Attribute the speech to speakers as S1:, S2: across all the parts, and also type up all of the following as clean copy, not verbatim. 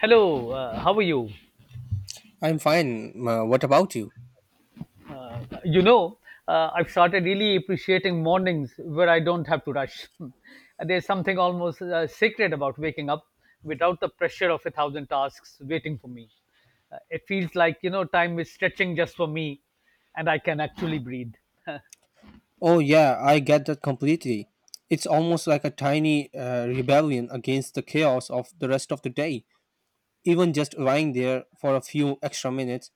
S1: Hello, how are you?
S2: I'm fine. What about you?
S1: You know, I've started really appreciating mornings where I don't have to rush. There's something almost sacred about waking up without the pressure of a thousand tasks waiting for me. It feels like, you know, time is stretching just for me and I can actually breathe.
S2: Oh, yeah, I get that completely. It's almost like a tiny rebellion against the chaos of the rest of the day. Even just lying there for a few extra minutes,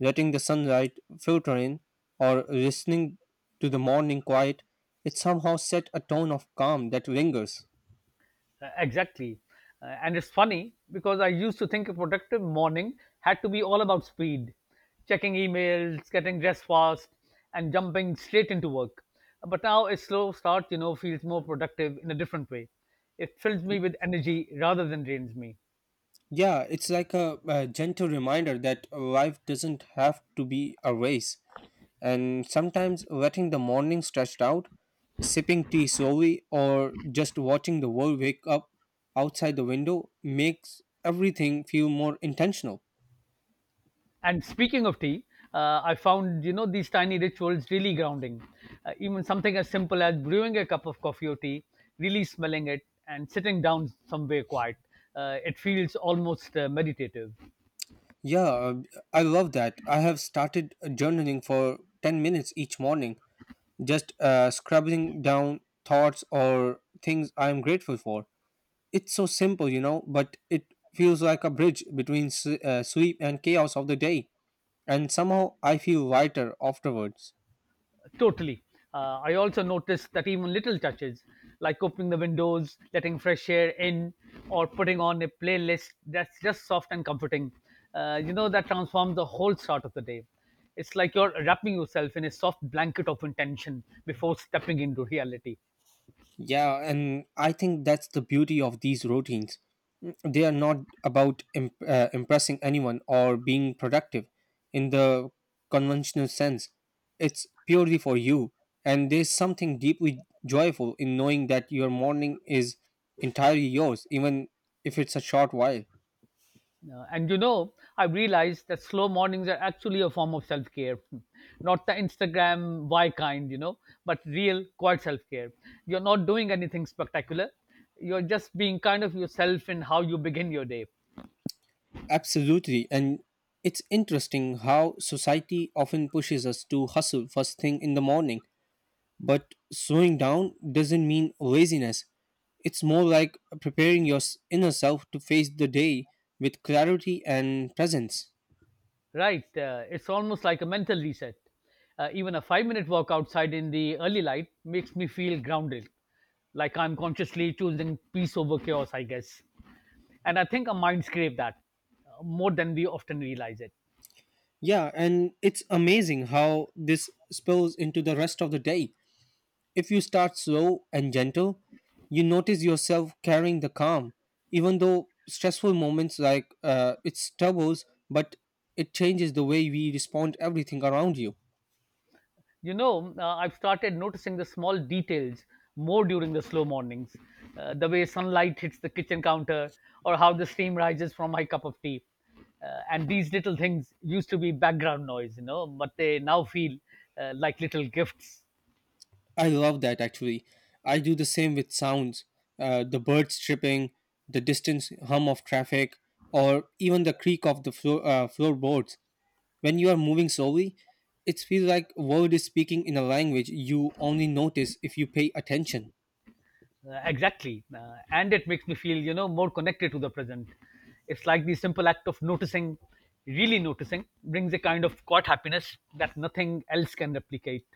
S2: letting the sunlight filter in, or listening to the morning quiet, it somehow set a tone of calm that lingers.
S1: Exactly. And it's funny because I used to think a productive morning had to be all about speed, checking emails, getting dressed fast, and jumping straight into work. But now a slow start, you know, feels more productive in a different way. It fills me with energy rather than drains me.
S2: Yeah, it's like a gentle reminder that life doesn't have to be a race, and sometimes letting the morning stretch out, sipping tea slowly, or just watching the world wake up outside the window makes everything feel more intentional.
S1: And speaking of tea, I found you know these tiny rituals really grounding. Even something as simple as brewing a cup of coffee or tea, really smelling it, and sitting down somewhere quiet, it feels almost meditative.
S2: Yeah, I love that. I have started journaling for 10 minutes each morning, just scribbling down thoughts or things I am grateful for. It's so simple, you know, but it feels like a bridge between sleep and chaos of the day, and somehow I feel lighter afterwards.
S1: Totally. I also noticed that even little touches, like opening the windows, letting fresh air in, or putting on a playlist that's just soft and comforting, you know, that transforms the whole start of the day. It's like you're wrapping yourself in a soft blanket of intention before stepping into reality.
S2: Yeah, and I think that's the beauty of these routines. They are not about impressing anyone or being productive in the conventional sense. It's purely for you. And there's something deeply joyful in knowing that your morning is entirely yours, even if it's a short while.
S1: And you know, I have realized that slow mornings are actually a form of self care, not the Instagram why kind, you know, but real, quiet self care. You're not doing anything spectacular. You're just being kind of yourself in how you begin your day,
S2: Absolutely. And it's interesting how society often pushes us to hustle first thing in the morning. But slowing down doesn't mean laziness. It's more like preparing your inner self to face the day with clarity and presence.
S1: right? It's almost like a mental reset. Even a 5-minute walk outside in the early light makes me feel grounded, like I'm consciously choosing peace over chaos, I guess. And I think our minds crave that more than we often realize it.
S2: Yeah, and it's amazing how this spills into the rest of the day. If you start slow and gentle, you notice yourself carrying the calm, even though stressful moments like it stumbles, but it changes the way we respond everything around you.
S1: You know, I've started noticing the small details more during the slow mornings, the way sunlight hits the kitchen counter, or how the steam rises from my cup of tea. And these little things used to be background noise, you know, but they now feel like little gifts.
S2: I love that actually. I do the same with sounds, the birds chirping, the distant hum of traffic, or even the creak of the floorboards. When you are moving slowly, it feels like a world is speaking in a language you only notice if you pay attention.
S1: Exactly. And it makes me feel, you know, more connected to the present. It's like the simple act of noticing, really noticing, brings a kind of quiet happiness that nothing else can replicate.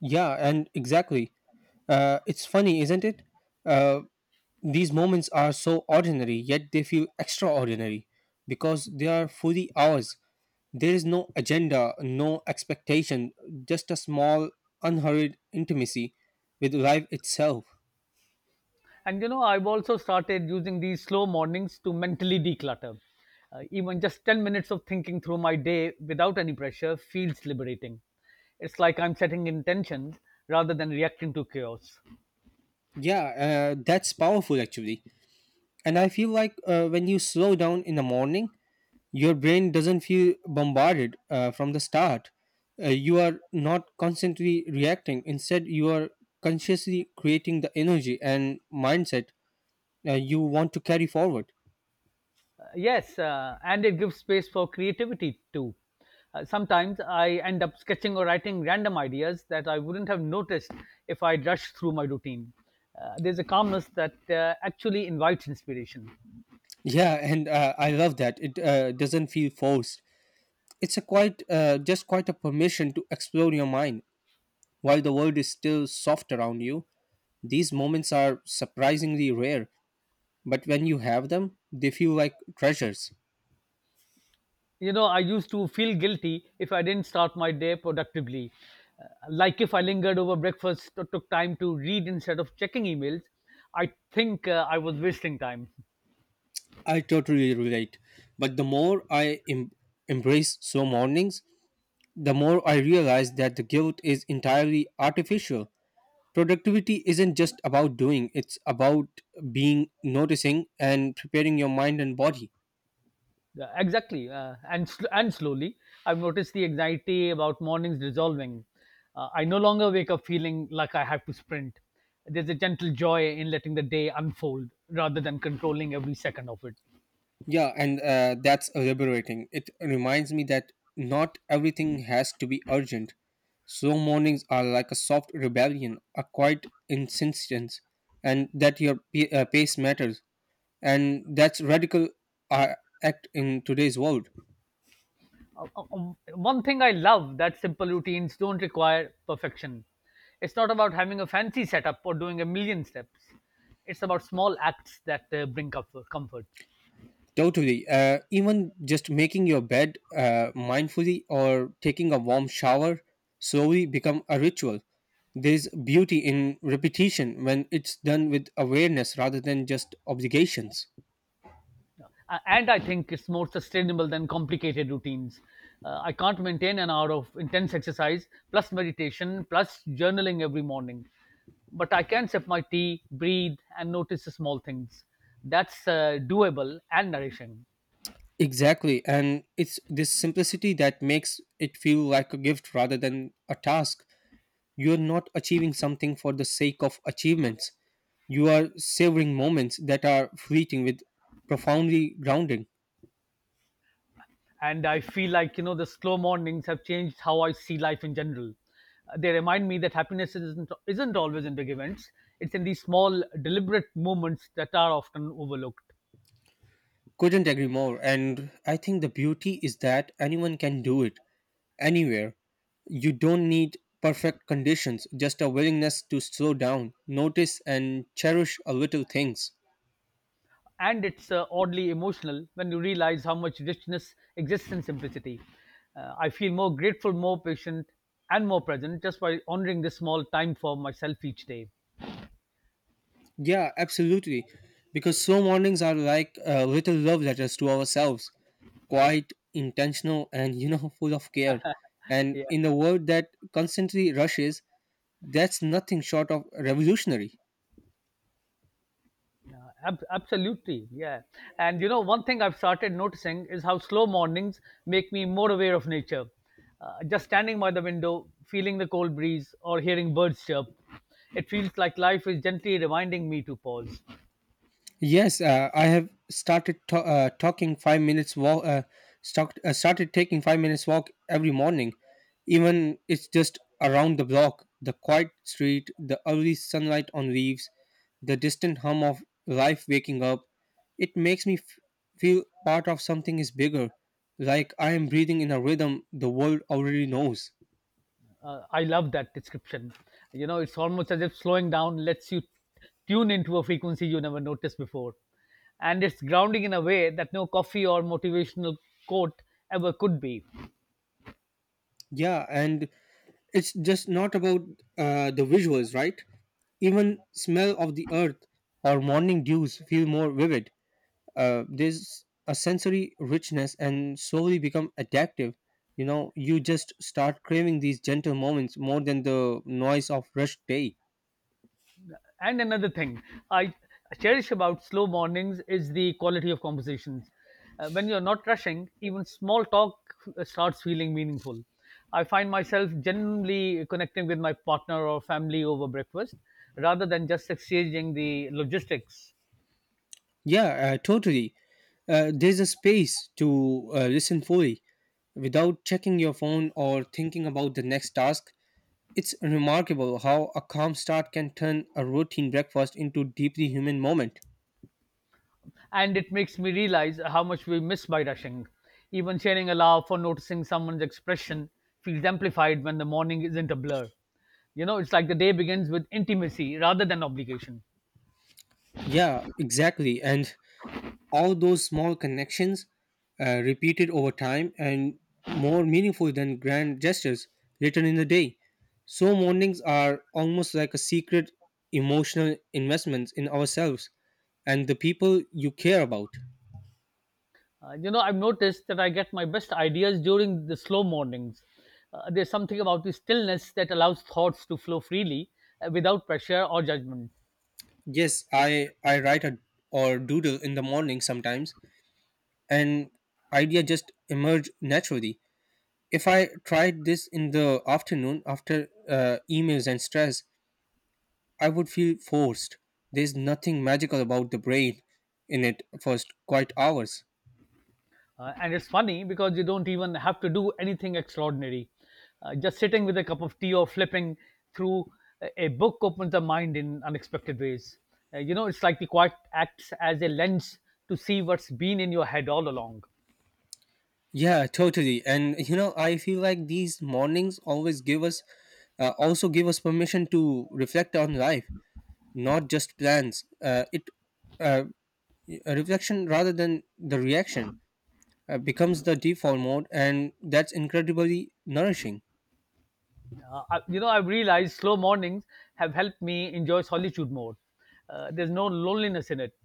S2: Yeah, and exactly. It's funny, isn't it? Uh, these moments are so ordinary, yet they feel extraordinary because they are fully ours. There is no agenda, no expectation, just a small, unhurried intimacy with life itself.
S1: And you know, I've also started using these slow mornings to mentally declutter. Even just 10 minutes of thinking through my day without any pressure feels liberating. It's like I'm setting intention rather than reacting to chaos. Uh,
S2: Yeah, that's powerful actually. And I feel like when you slow down in the morning, your brain doesn't feel bombarded from the start. You are not constantly reacting, instead, you are consciously creating the energy and mindset you want to carry forward.
S1: yes, and it gives space for creativity too. Sometimes I end up sketching or writing random ideas that I wouldn't have noticed if I'd rushed through my routine. There's a calmness that actually invites inspiration.
S2: Yeah, and I love that. It doesn't feel forced. It's a quite just quite a permission to explore your mind while the world is still soft around you. These moments are surprisingly rare, but when you have them, they feel like treasures.
S1: You know, I used to feel guilty if I didn't start my day productively. Uh, like if I lingered over breakfast or took time to read instead of checking emails, I think I was wasting time.
S2: I totally relate. But the more I embrace slow mornings, the more I realize that the guilt is entirely artificial. Productivity isn't just about doing, it's about being, noticing, and preparing your mind and body.
S1: Yeah, exactly, and and slowly I've noticed the anxiety about mornings dissolving. I no longer wake up feeling like I have to sprint. There's a gentle joy in letting the day unfold rather than controlling every second of it.
S2: Yeah, and that's liberating. It reminds me that not everything has to be urgent. Slow mornings are like a soft rebellion, a quiet insistence, and that your pace matters. And that's radical uh, act in today's world.
S1: One thing I love that simple routines don't require perfection. It's not about having a fancy setup or doing a million steps. It's about small acts that bring comfort.
S2: Totally. Even just making your bed mindfully or taking a warm shower slowly become a ritual. There's beauty in repetition when it's done with awareness rather than just obligations.
S1: And I think it's more sustainable than complicated routines. I can't maintain an hour of intense exercise plus meditation plus journaling every morning, but I can sip my tea, breathe, and notice the small things. That's doable and nourishing.
S2: Exactly. And it's this simplicity that makes it feel like a gift rather than a task. You're not achieving something for the sake of achievements. You are savoring moments that are fleeting with profoundly grounding.
S1: And I feel like, you know, the slow mornings have changed how I see life in general. They remind me that happiness isn't always in big events. It's in these small, deliberate moments that are often overlooked,
S2: Couldn't agree more. And I think the beauty is that anyone can do it anywhere. You don't need perfect conditions, just a willingness to slow down, notice, and cherish a little things.
S1: and it's oddly emotional when you realize how much richness exists in simplicity. I feel more grateful, more patient, and more present just by honoring this small time for myself each day.
S2: Yeah, absolutely. Because slow mornings are like little love letters to ourselves, quite intentional and, you know, full of care. And
S1: Yeah.
S2: in a world that constantly rushes, that's nothing short of revolutionary.
S1: Absolutely, yeah. And you know, one thing I've started noticing is how slow mornings make me more aware of nature. Just standing by the window, feeling the cold breeze, or hearing birds chirp, it feels like life is gently reminding me to pause.
S2: Yes, I have started talking 5 minutes walk. Started taking 5 minutes walk every morning, even it's just around the block. The quiet street, the early sunlight on leaves, the distant hum of life waking up. It makes me feel part of something is bigger, like I am breathing in a rhythm the world already knows.
S1: I love that description. You know, it's almost as if slowing down lets you tune into a frequency you never noticed before. And it's grounding in a way that no coffee or motivational quote ever could be.
S2: Yeah, and it's just not about the visuals, right? Even smell of the earth or morning dews feel more vivid. There's a sensory richness and slowly become addictive. You know, you just start craving these gentle moments more than the noise of rushed day.
S1: And another thing I cherish about slow mornings is the quality of conversations. When you're not rushing, even small talk starts feeling meaningful. I find myself genuinely connecting with my partner or family over breakfast rather than just exchanging the logistics.
S2: Yeah, totally. There's a space to listen fully without checking your phone or thinking about the next task. It's remarkable how a calm start can turn a routine breakfast into deeply human moment.
S1: And it makes me realize how much we miss by rushing. Even sharing a laugh or noticing someone's expression feels amplified when the morning isn't a blur. You know, it's like the day begins with intimacy rather than obligation.
S2: Yeah, exactly. And all those small connections repeated over time and more meaningful than grand gestures written in the day, so mornings are almost like a secret emotional investments in ourselves and the people you care about.
S1: You know, I've noticed that I get my best ideas during the slow mornings. There's something about the stillness that allows thoughts to flow freely without pressure or judgment.
S2: Yes, I write a, or doodle in the morning sometimes, and idea just emerge naturally. If I tried this in the afternoon after emails and stress, I would feel forced. There's nothing magical about the brain in it for quite hours.
S1: And it's funny because you don't even have to do anything extraordinary. Just sitting with a cup of tea or flipping through a book opens the mind in unexpected ways. You know, it's like the quiet acts as a lens to see what's been in your head all along.
S2: Yeah, totally. And you know, I feel like these mornings always give us, also give us permission to reflect on life, not just plans. Uh, a reflection rather than the reaction, becomes the default mode, and that's incredibly nourishing.
S1: I, you know, I've realized slow mornings have helped me enjoy solitude more. There's no loneliness in it,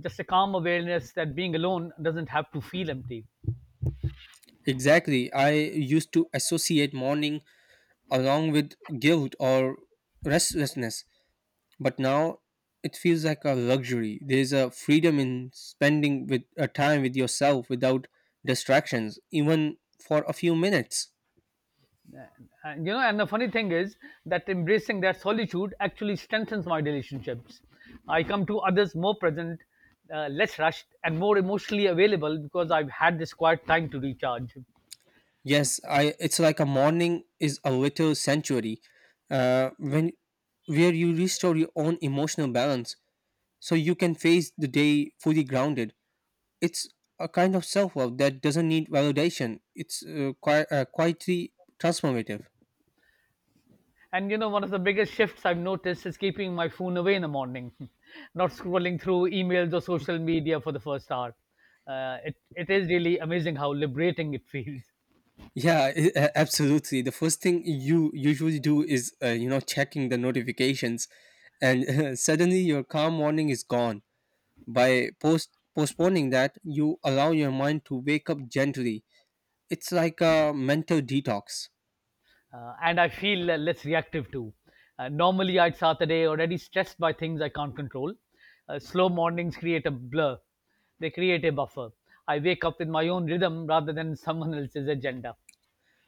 S1: just a calm awareness that being alone doesn't have to feel empty.
S2: Exactly. I used to associate morning along with guilt or restlessness, but now it feels like a luxury. There's a freedom in spending with a time with yourself without distractions, even for a few minutes.
S1: And you know, and the funny thing is that embracing that solitude actually strengthens my relationships. I come to others more present, less rushed, and more emotionally available because I've had this quiet time to recharge.
S2: Yes, I. It's like a morning is a little sanctuary, when where you restore your own emotional balance, so you can face the day fully grounded. It's a kind of self love that doesn't need validation. It's quite quietly transformative.
S1: And you know, one of the biggest shifts I've noticed is keeping my phone away in the morning, not scrolling through emails or social media for the first hour. It is really amazing how liberating it feels.
S2: Yeah, absolutely. The first thing you usually do is, you know, checking the notifications, and suddenly your calm morning is gone. By postponing that, you allow your mind to wake up gently. It's like a mental detox.
S1: And I feel less reactive too. Normally, I'd start the day already stressed by things I can't control. Slow mornings they create a buffer. I wake up with my own rhythm rather than someone else's agenda.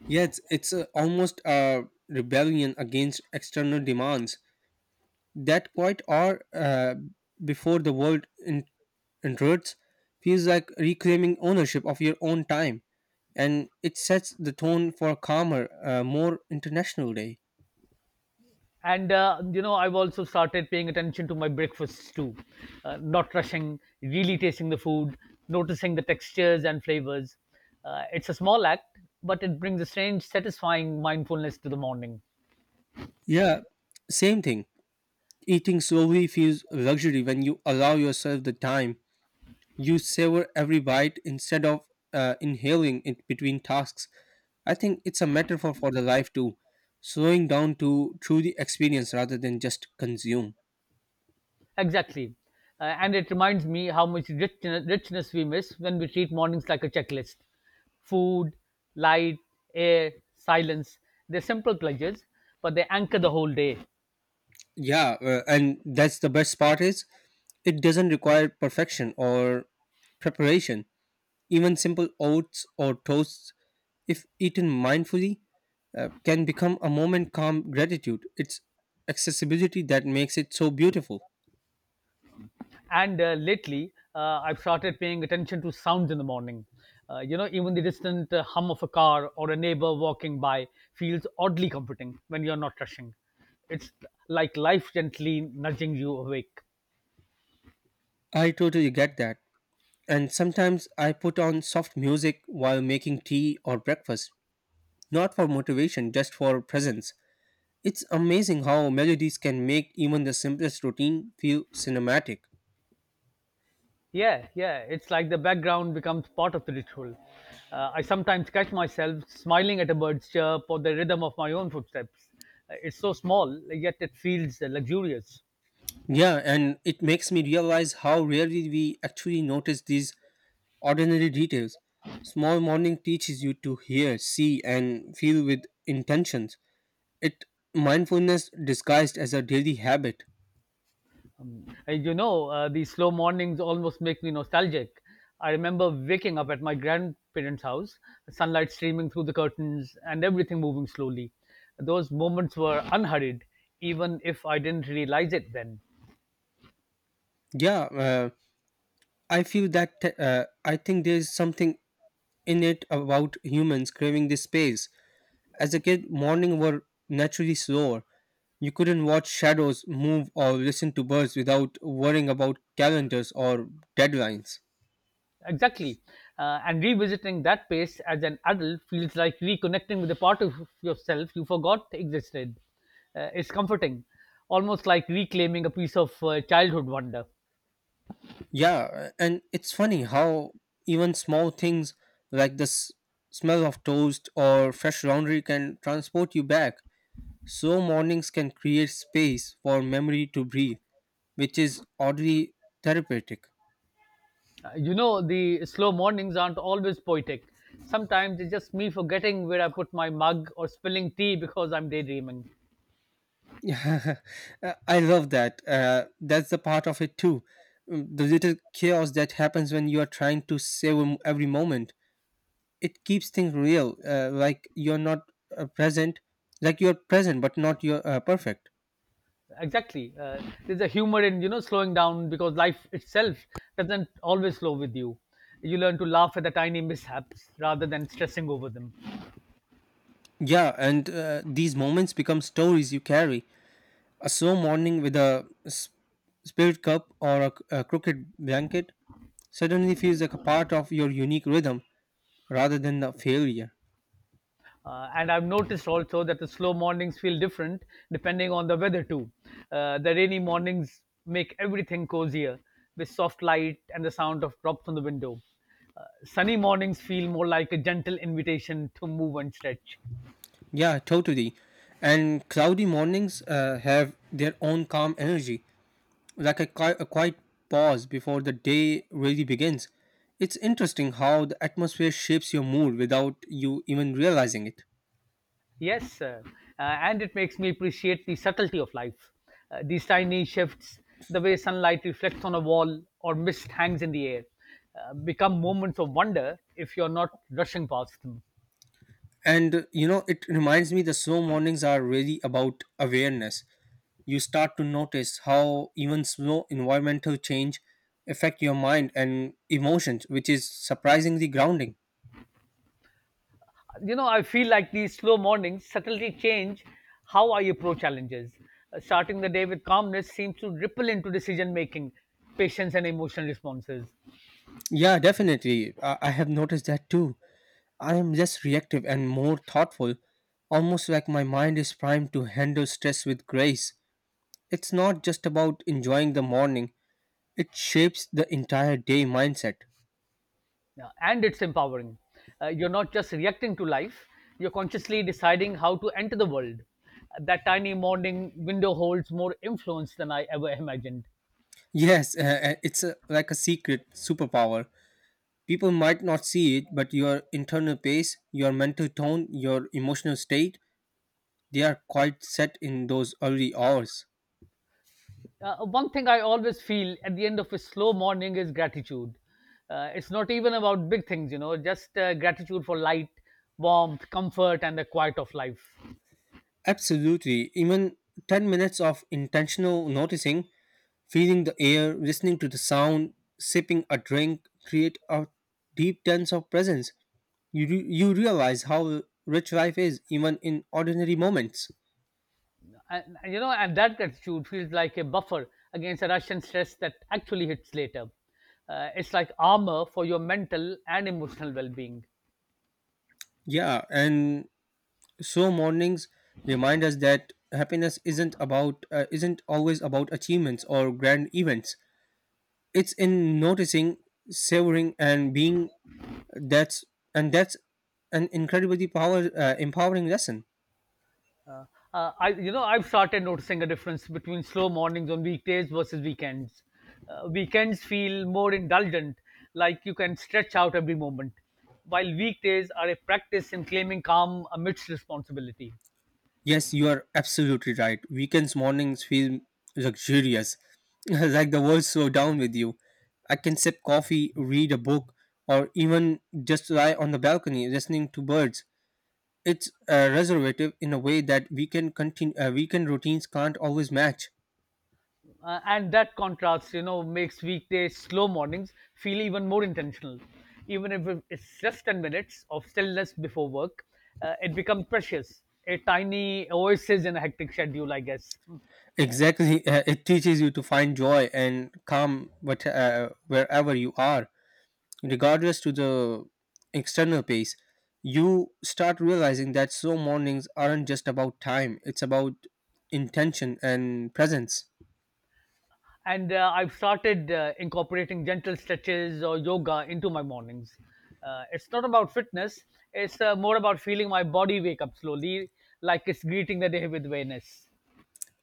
S2: Yeah, it's almost a rebellion against external demands. That quite hour before the world intrudes feels like reclaiming ownership of your own time, and it sets the tone for a calmer, more international day.
S1: And you know, I've also started paying attention to my breakfasts too. Not rushing, really tasting the food, noticing the textures and flavors. It's a small act, but it brings a strange satisfying mindfulness to the morning.
S2: Yeah, same thing. Eating slowly feels luxury when you allow yourself the time. You savor every bite instead of inhaling it between tasks. I think it's a metaphor for the life too, slowing down to truly experience rather than just consume.
S1: Exactly. And it reminds me how much richness we miss when we treat mornings like a checklist: food, light, air, silence. They're simple pleasures, but they anchor the whole day.
S2: Yeah, and that's the best part is it doesn't require perfection or preparation. Even simple oats or toasts, if eaten mindfully, can become a moment calm gratitude. It's accessibility that makes it so beautiful.
S1: And lately, I've started paying attention to sounds in the morning. You know, even the distant hum of a car or a neighbor walking by feels oddly comforting when you're not rushing. It's like life gently nudging you awake.
S2: I totally get that. And sometimes I put on soft music while making tea or breakfast, not for motivation, just for presence. It's amazing how melodies can make even the simplest routine feel cinematic.
S1: Yeah, yeah, it's like the background becomes part of the ritual. I sometimes catch myself smiling at a bird's chirp or the rhythm of my own footsteps. It's so small, yet it feels luxurious.
S2: Yeah, and it makes me realize how rarely we actually notice these ordinary details. Small morning teaches you to hear, see, and feel with intentions. It mindfulness disguised as a daily habit.
S1: You know, these slow mornings almost make me nostalgic. I remember waking up at my grandparents' house, sunlight streaming through the curtains, and everything moving slowly. Those moments were unhurried, even if I didn't realize it then.
S2: Yeah, I feel that. I think there is something in it about humans craving this space. As a kid, morning were naturally slower. You couldn't watch shadows move or listen to birds without worrying about calendars or deadlines.
S1: Exactly. And revisiting that pace as an adult feels like reconnecting with a part of yourself you forgot existed. It's comforting, almost like reclaiming a piece of childhood wonder.
S2: Yeah, and it's funny how even small things like the smell of toast or fresh laundry can transport you back. So, mornings can create space for memory to breathe, which is oddly therapeutic.
S1: You know, the slow mornings aren't always poetic. Sometimes it's just me forgetting where I put my mug or spilling tea because I'm daydreaming.
S2: Yeah, I love that. That's the part of it too. The little chaos that happens when you are trying to save every moment. It keeps things real, uh, present, like you're present, but not you're perfect.
S1: Exactly. There's a humor in, you know, slowing down because life itself doesn't always slow with you. You learn to laugh at the tiny mishaps rather than stressing over them.
S2: Yeah, and these moments become stories you carry. A slow morning with a spirit cup or a crooked blanket suddenly feels like a part of your unique rhythm rather than a failure.
S1: And I've noticed also that the slow mornings feel different depending on the weather too. The rainy mornings make everything cozier with soft light and the sound of drops on the window. Sunny mornings feel more like a gentle invitation to move and stretch.
S2: Yeah, totally. And cloudy mornings have their own calm energy, like a quiet pause before the day really begins. It's interesting how the atmosphere shapes your mood without you even realizing it.
S1: Yes, and it makes me appreciate the subtlety of life. These tiny shifts, the way sunlight reflects on a wall or mist hangs in the air, become moments of wonder if you're not rushing past them.
S2: And you know, it reminds me, the slow mornings are really about awareness. You start to notice how even slow environmental change affect your mind and emotions, which is surprisingly grounding.
S1: You know, I feel like these slow mornings subtly change how I approach challenges. Starting the day with calmness seems to ripple into decision making, patience, and emotional responses.
S2: Yeah, definitely. I have noticed that too. I am less reactive and more thoughtful, almost like my mind is primed to handle stress with grace. It's not just about enjoying the morning, it shapes the entire day mindset.
S1: Yeah, and it's empowering. You're not just reacting to life, you're consciously deciding how to enter the world. That tiny morning window holds more influence than I ever imagined.
S2: Yes, it's a, like a secret superpower. People might not see it, but your internal pace, your mental tone, your emotional state, they are quite set in those early hours.
S1: One thing I always feel at the end of a slow morning is gratitude. It's not even about big things, you know, just gratitude for light, warmth, comfort, and the quiet of life.
S2: Absolutely. Even 10 minutes of intentional noticing, feeling the air, listening to the sound, sipping a drink, create a deep sense of presence. You realize how rich life is, even in ordinary moments.
S1: And that gratitude feels like a buffer against the rush and stress that actually hits later. It's like armor for your mental and emotional well being.
S2: Yeah, and so mornings remind us that happiness isn't about isn't always about achievements or grand events. It's in noticing, savoring, and being. That's that's an incredibly power empowering lesson.
S1: Uh, I've started noticing a difference between slow mornings on weekdays versus weekends. Weekends feel more indulgent, like you can stretch out every moment, while weekdays are a practice in claiming calm amidst responsibility.
S2: Yes, you are absolutely right. Weekends mornings feel luxurious, like the world slow down with you. I can sip coffee, read a book, or even just lie on the balcony listening to birds. It's reservative in a way that weekend routines can't always match.
S1: And that contrast, you know, makes weekday slow mornings feel even more intentional. Even if it's just 10 minutes of stillness before work, it becomes precious. A tiny oasis in a hectic schedule, I guess.
S2: Exactly, it teaches you to find joy and calm wherever you are, regardless to the external pace. You start realizing that so mornings aren't just about time; it's about intention and presence.
S1: And I've started incorporating gentle stretches or yoga into my mornings. It's not about fitness; it's more about feeling my body wake up slowly, like it's greeting the day with awareness.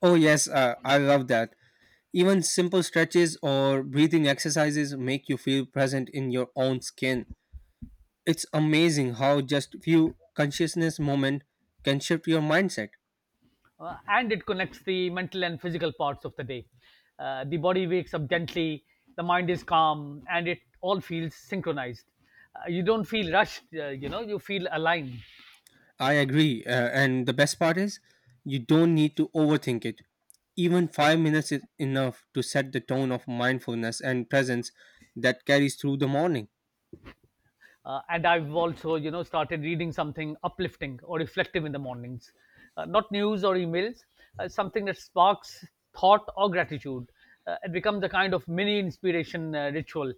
S2: Oh yes, I love that. Even simple stretches or breathing exercises make you feel present in your own skin. It's amazing how just few consciousness moment can shift your mindset.
S1: And it connects the mental and physical parts of the day. The body wakes up gently, the mind is calm, and it all feels synchronized. You don't feel rushed, you know, you feel aligned.
S2: I agree, and the best part is you don't need to overthink it. Even 5 minutes is enough to set the tone of mindfulness and presence that carries through the morning.
S1: And I've also, you know, started reading something uplifting or reflective in the mornings, not news or emails, something that sparks thought or gratitude. It becomes a kind of mini inspiration ritual.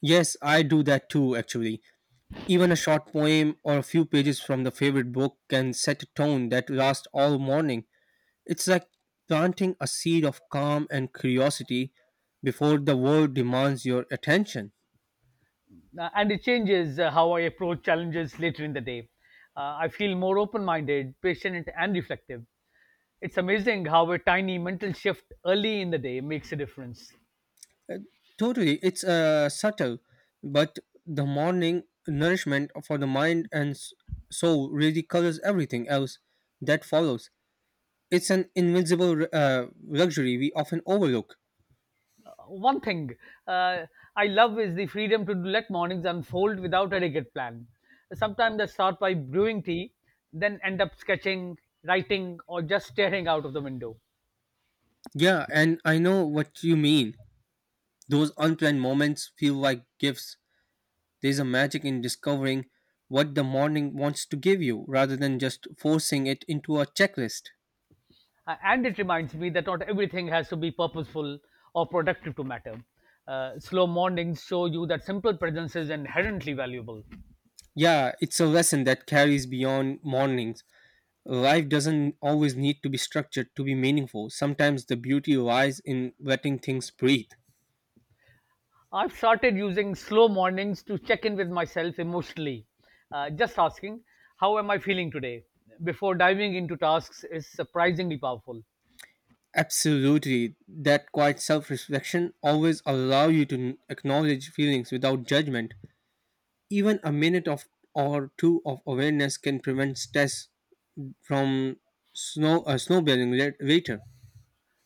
S2: Yes, I do that too actually. Even a short poem or a few pages from the favorite book can set a tone that lasts all morning. It's like planting a seed of calm and curiosity before the world demands your attention.
S1: And it changes how I approach challenges later in the day. I feel more open-minded, patient, and reflective. It's amazing how a tiny mental shift early in the day makes a difference.
S2: Totally, it's subtle, but the morning nourishment for the mind and soul really colors everything else that follows. It's an invisible luxury we often overlook.
S1: One thing uh, I love is the freedom to let mornings unfold without a rigid plan. Sometimes I start by brewing tea, then end up sketching, writing, or just staring out of the window.
S2: Yeah, and I know what you mean. Those unplanned moments feel like gifts. There's a magic in discovering what the morning wants to give you rather than just forcing it into a checklist.
S1: And it reminds me that not everything has to be purposeful or productive to matter. Slow mornings show you that simple presence is inherently valuable.
S2: Yeah, it's a lesson that carries beyond mornings. Life doesn't always need to be structured to be meaningful. Sometimes the beauty lies in letting things breathe.
S1: I've started using slow mornings to check in with myself emotionally, just asking, "How am I feeling today?" before diving into tasks is surprisingly powerful.
S2: Absolutely, that quiet self-reflection always allow you to acknowledge feelings without judgment. Even a minute of or two of awareness can prevent stress from snowballing later.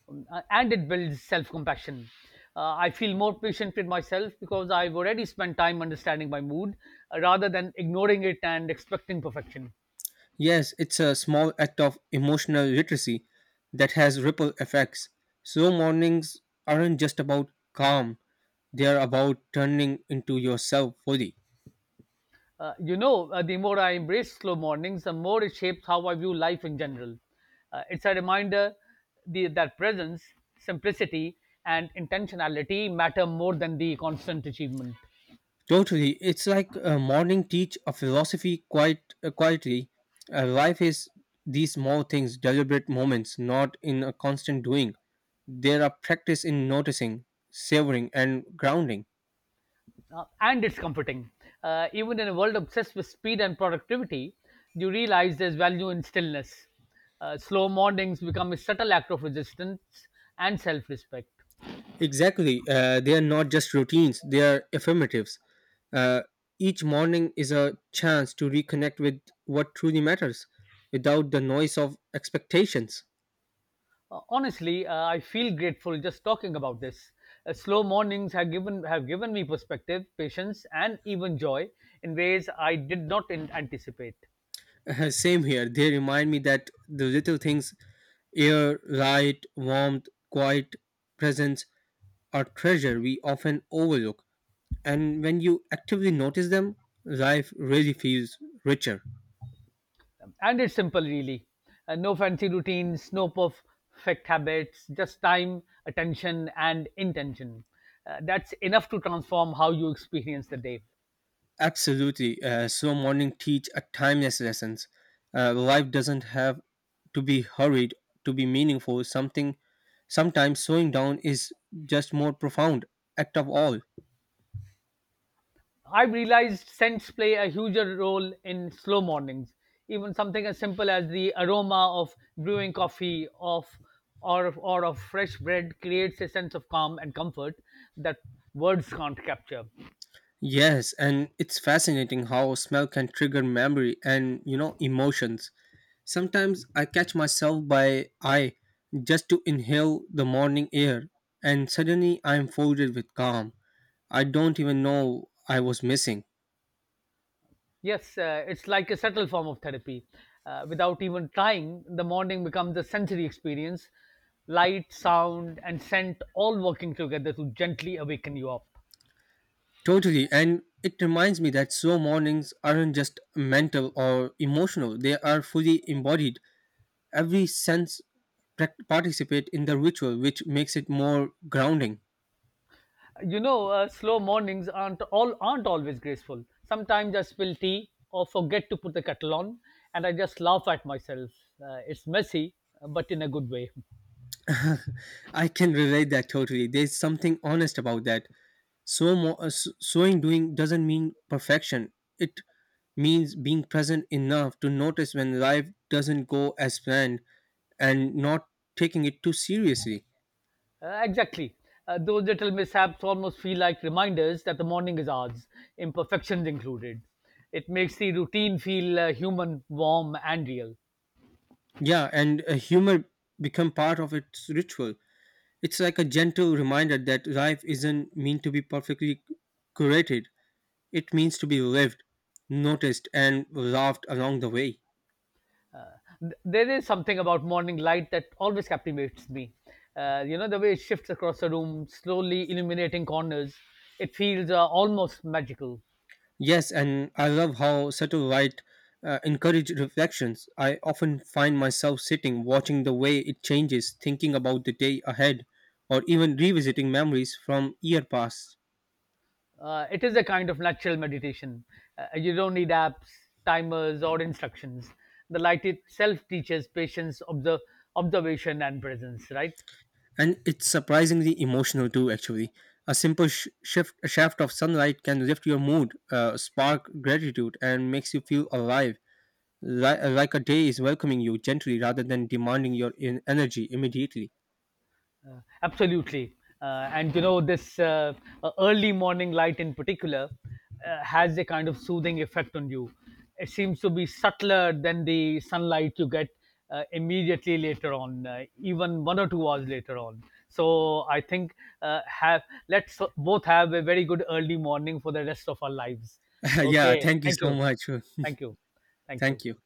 S1: And it builds self compassion. I feel more patient with myself because I've already spent time understanding my mood rather than ignoring it and expecting perfection.
S2: Yes, it's a small act of emotional literacy that has ripple effects. So mornings aren't just about calm, they are about turning into yourself fully.
S1: The more I embrace slow mornings, the more it shapes how I view life in general. It's a reminder that presence, simplicity, and intentionality matter more than the constant achievement.
S2: Totally, it's like a morning teach a philosophy quite quietly. Life is these small things, deliberate moments, not in a constant doing. There are practice in noticing, savoring, and grounding.
S1: And it's comforting. Even in a world obsessed with speed and productivity, you realize there's value in stillness. Slow mornings become a subtle act of resistance and self respect.
S2: Exactly. They are not just routines, they are affirmatives. Uh, each morning is a chance to reconnect with what truly matters without the noise of expectations.
S1: Honestly, I feel grateful just talking about this. Slow mornings have given me perspective, patience, and even joy in ways I did not anticipate.
S2: Same here. They remind me that the little things, air, light, warmth, quiet, presence, are treasure we often overlook. And when you actively notice them, life really feels richer.
S1: And it's simple, really. No fancy routines, no perfect habits, just time, attention, and intention. That's enough to transform how you experience the day.
S2: Absolutely. Slow morning teach a timeless lessons. Life doesn't have to be hurried to be meaningful. Something sometimes slowing down is just more profound act of all.
S1: I've realized scents play a huger role in slow mornings. Even something as simple as the aroma of brewing coffee of or of fresh bread creates a sense of calm and comfort that words can't capture.
S2: Yes, and it's fascinating how smell can trigger memory and, you know, emotions. Sometimes I catch myself by eye just to inhale the morning air, and suddenly I am folded with calm I don't even know I was missing.
S1: Yes, it's like a subtle form of therapy. Without even trying, the morning becomes a sensory experience. Light, sound, and scent all working together to gently awaken you up.
S2: Totally. And it reminds me that slow mornings aren't just mental or emotional, they are fully embodied. Every sense participate in the ritual, which makes it more grounding.
S1: You know, slow mornings aren't always graceful. Sometimes I spill tea or forget to put the kettle on, and I just laugh at myself. Uh, it's messy, but in a good way.
S2: I can relate that totally. There's something honest about that. Sewing doing doesn't mean perfection. It means being present enough to notice when life doesn't go as planned, and not taking it too seriously.
S1: Exactly. Those little mishaps almost feel like reminders that the morning is ours, imperfections included. It makes the routine feel human, warm, and real.
S2: Yeah, and humor become part of its ritual. It's like a gentle reminder that life isn't meant to be perfectly curated. It means to be lived, noticed, and laughed along the way.
S1: Uh, there is something about morning light that always captivates me. You know, the way it shifts across the room, slowly illuminating corners, it feels almost magical.
S2: Yes, and I love how subtle light encouraged reflections. I often find myself sitting, watching the way it changes, thinking about the day ahead, or even revisiting memories from year past.
S1: It is a kind of natural meditation. You don't need apps, timers, or instructions. The light itself teaches patience, observation, and presence, right?
S2: And it's surprisingly emotional too, actually. A simple shift, a shaft of sunlight can lift your mood, spark gratitude, and makes you feel alive. Like a day is welcoming you gently rather than demanding your energy immediately.
S1: Absolutely. And you know, this early morning light in particular has a kind of soothing effect on you. It seems to be subtler than the sunlight you get immediately later on, even 1 or 2 hours later on. So I think have let's both have a very good early morning for the rest of our lives.
S2: Yeah,
S1: Okay.
S2: thank you
S1: Thank
S2: so
S1: you.
S2: much.
S1: Thank you. Thank you.
S2: Thank you.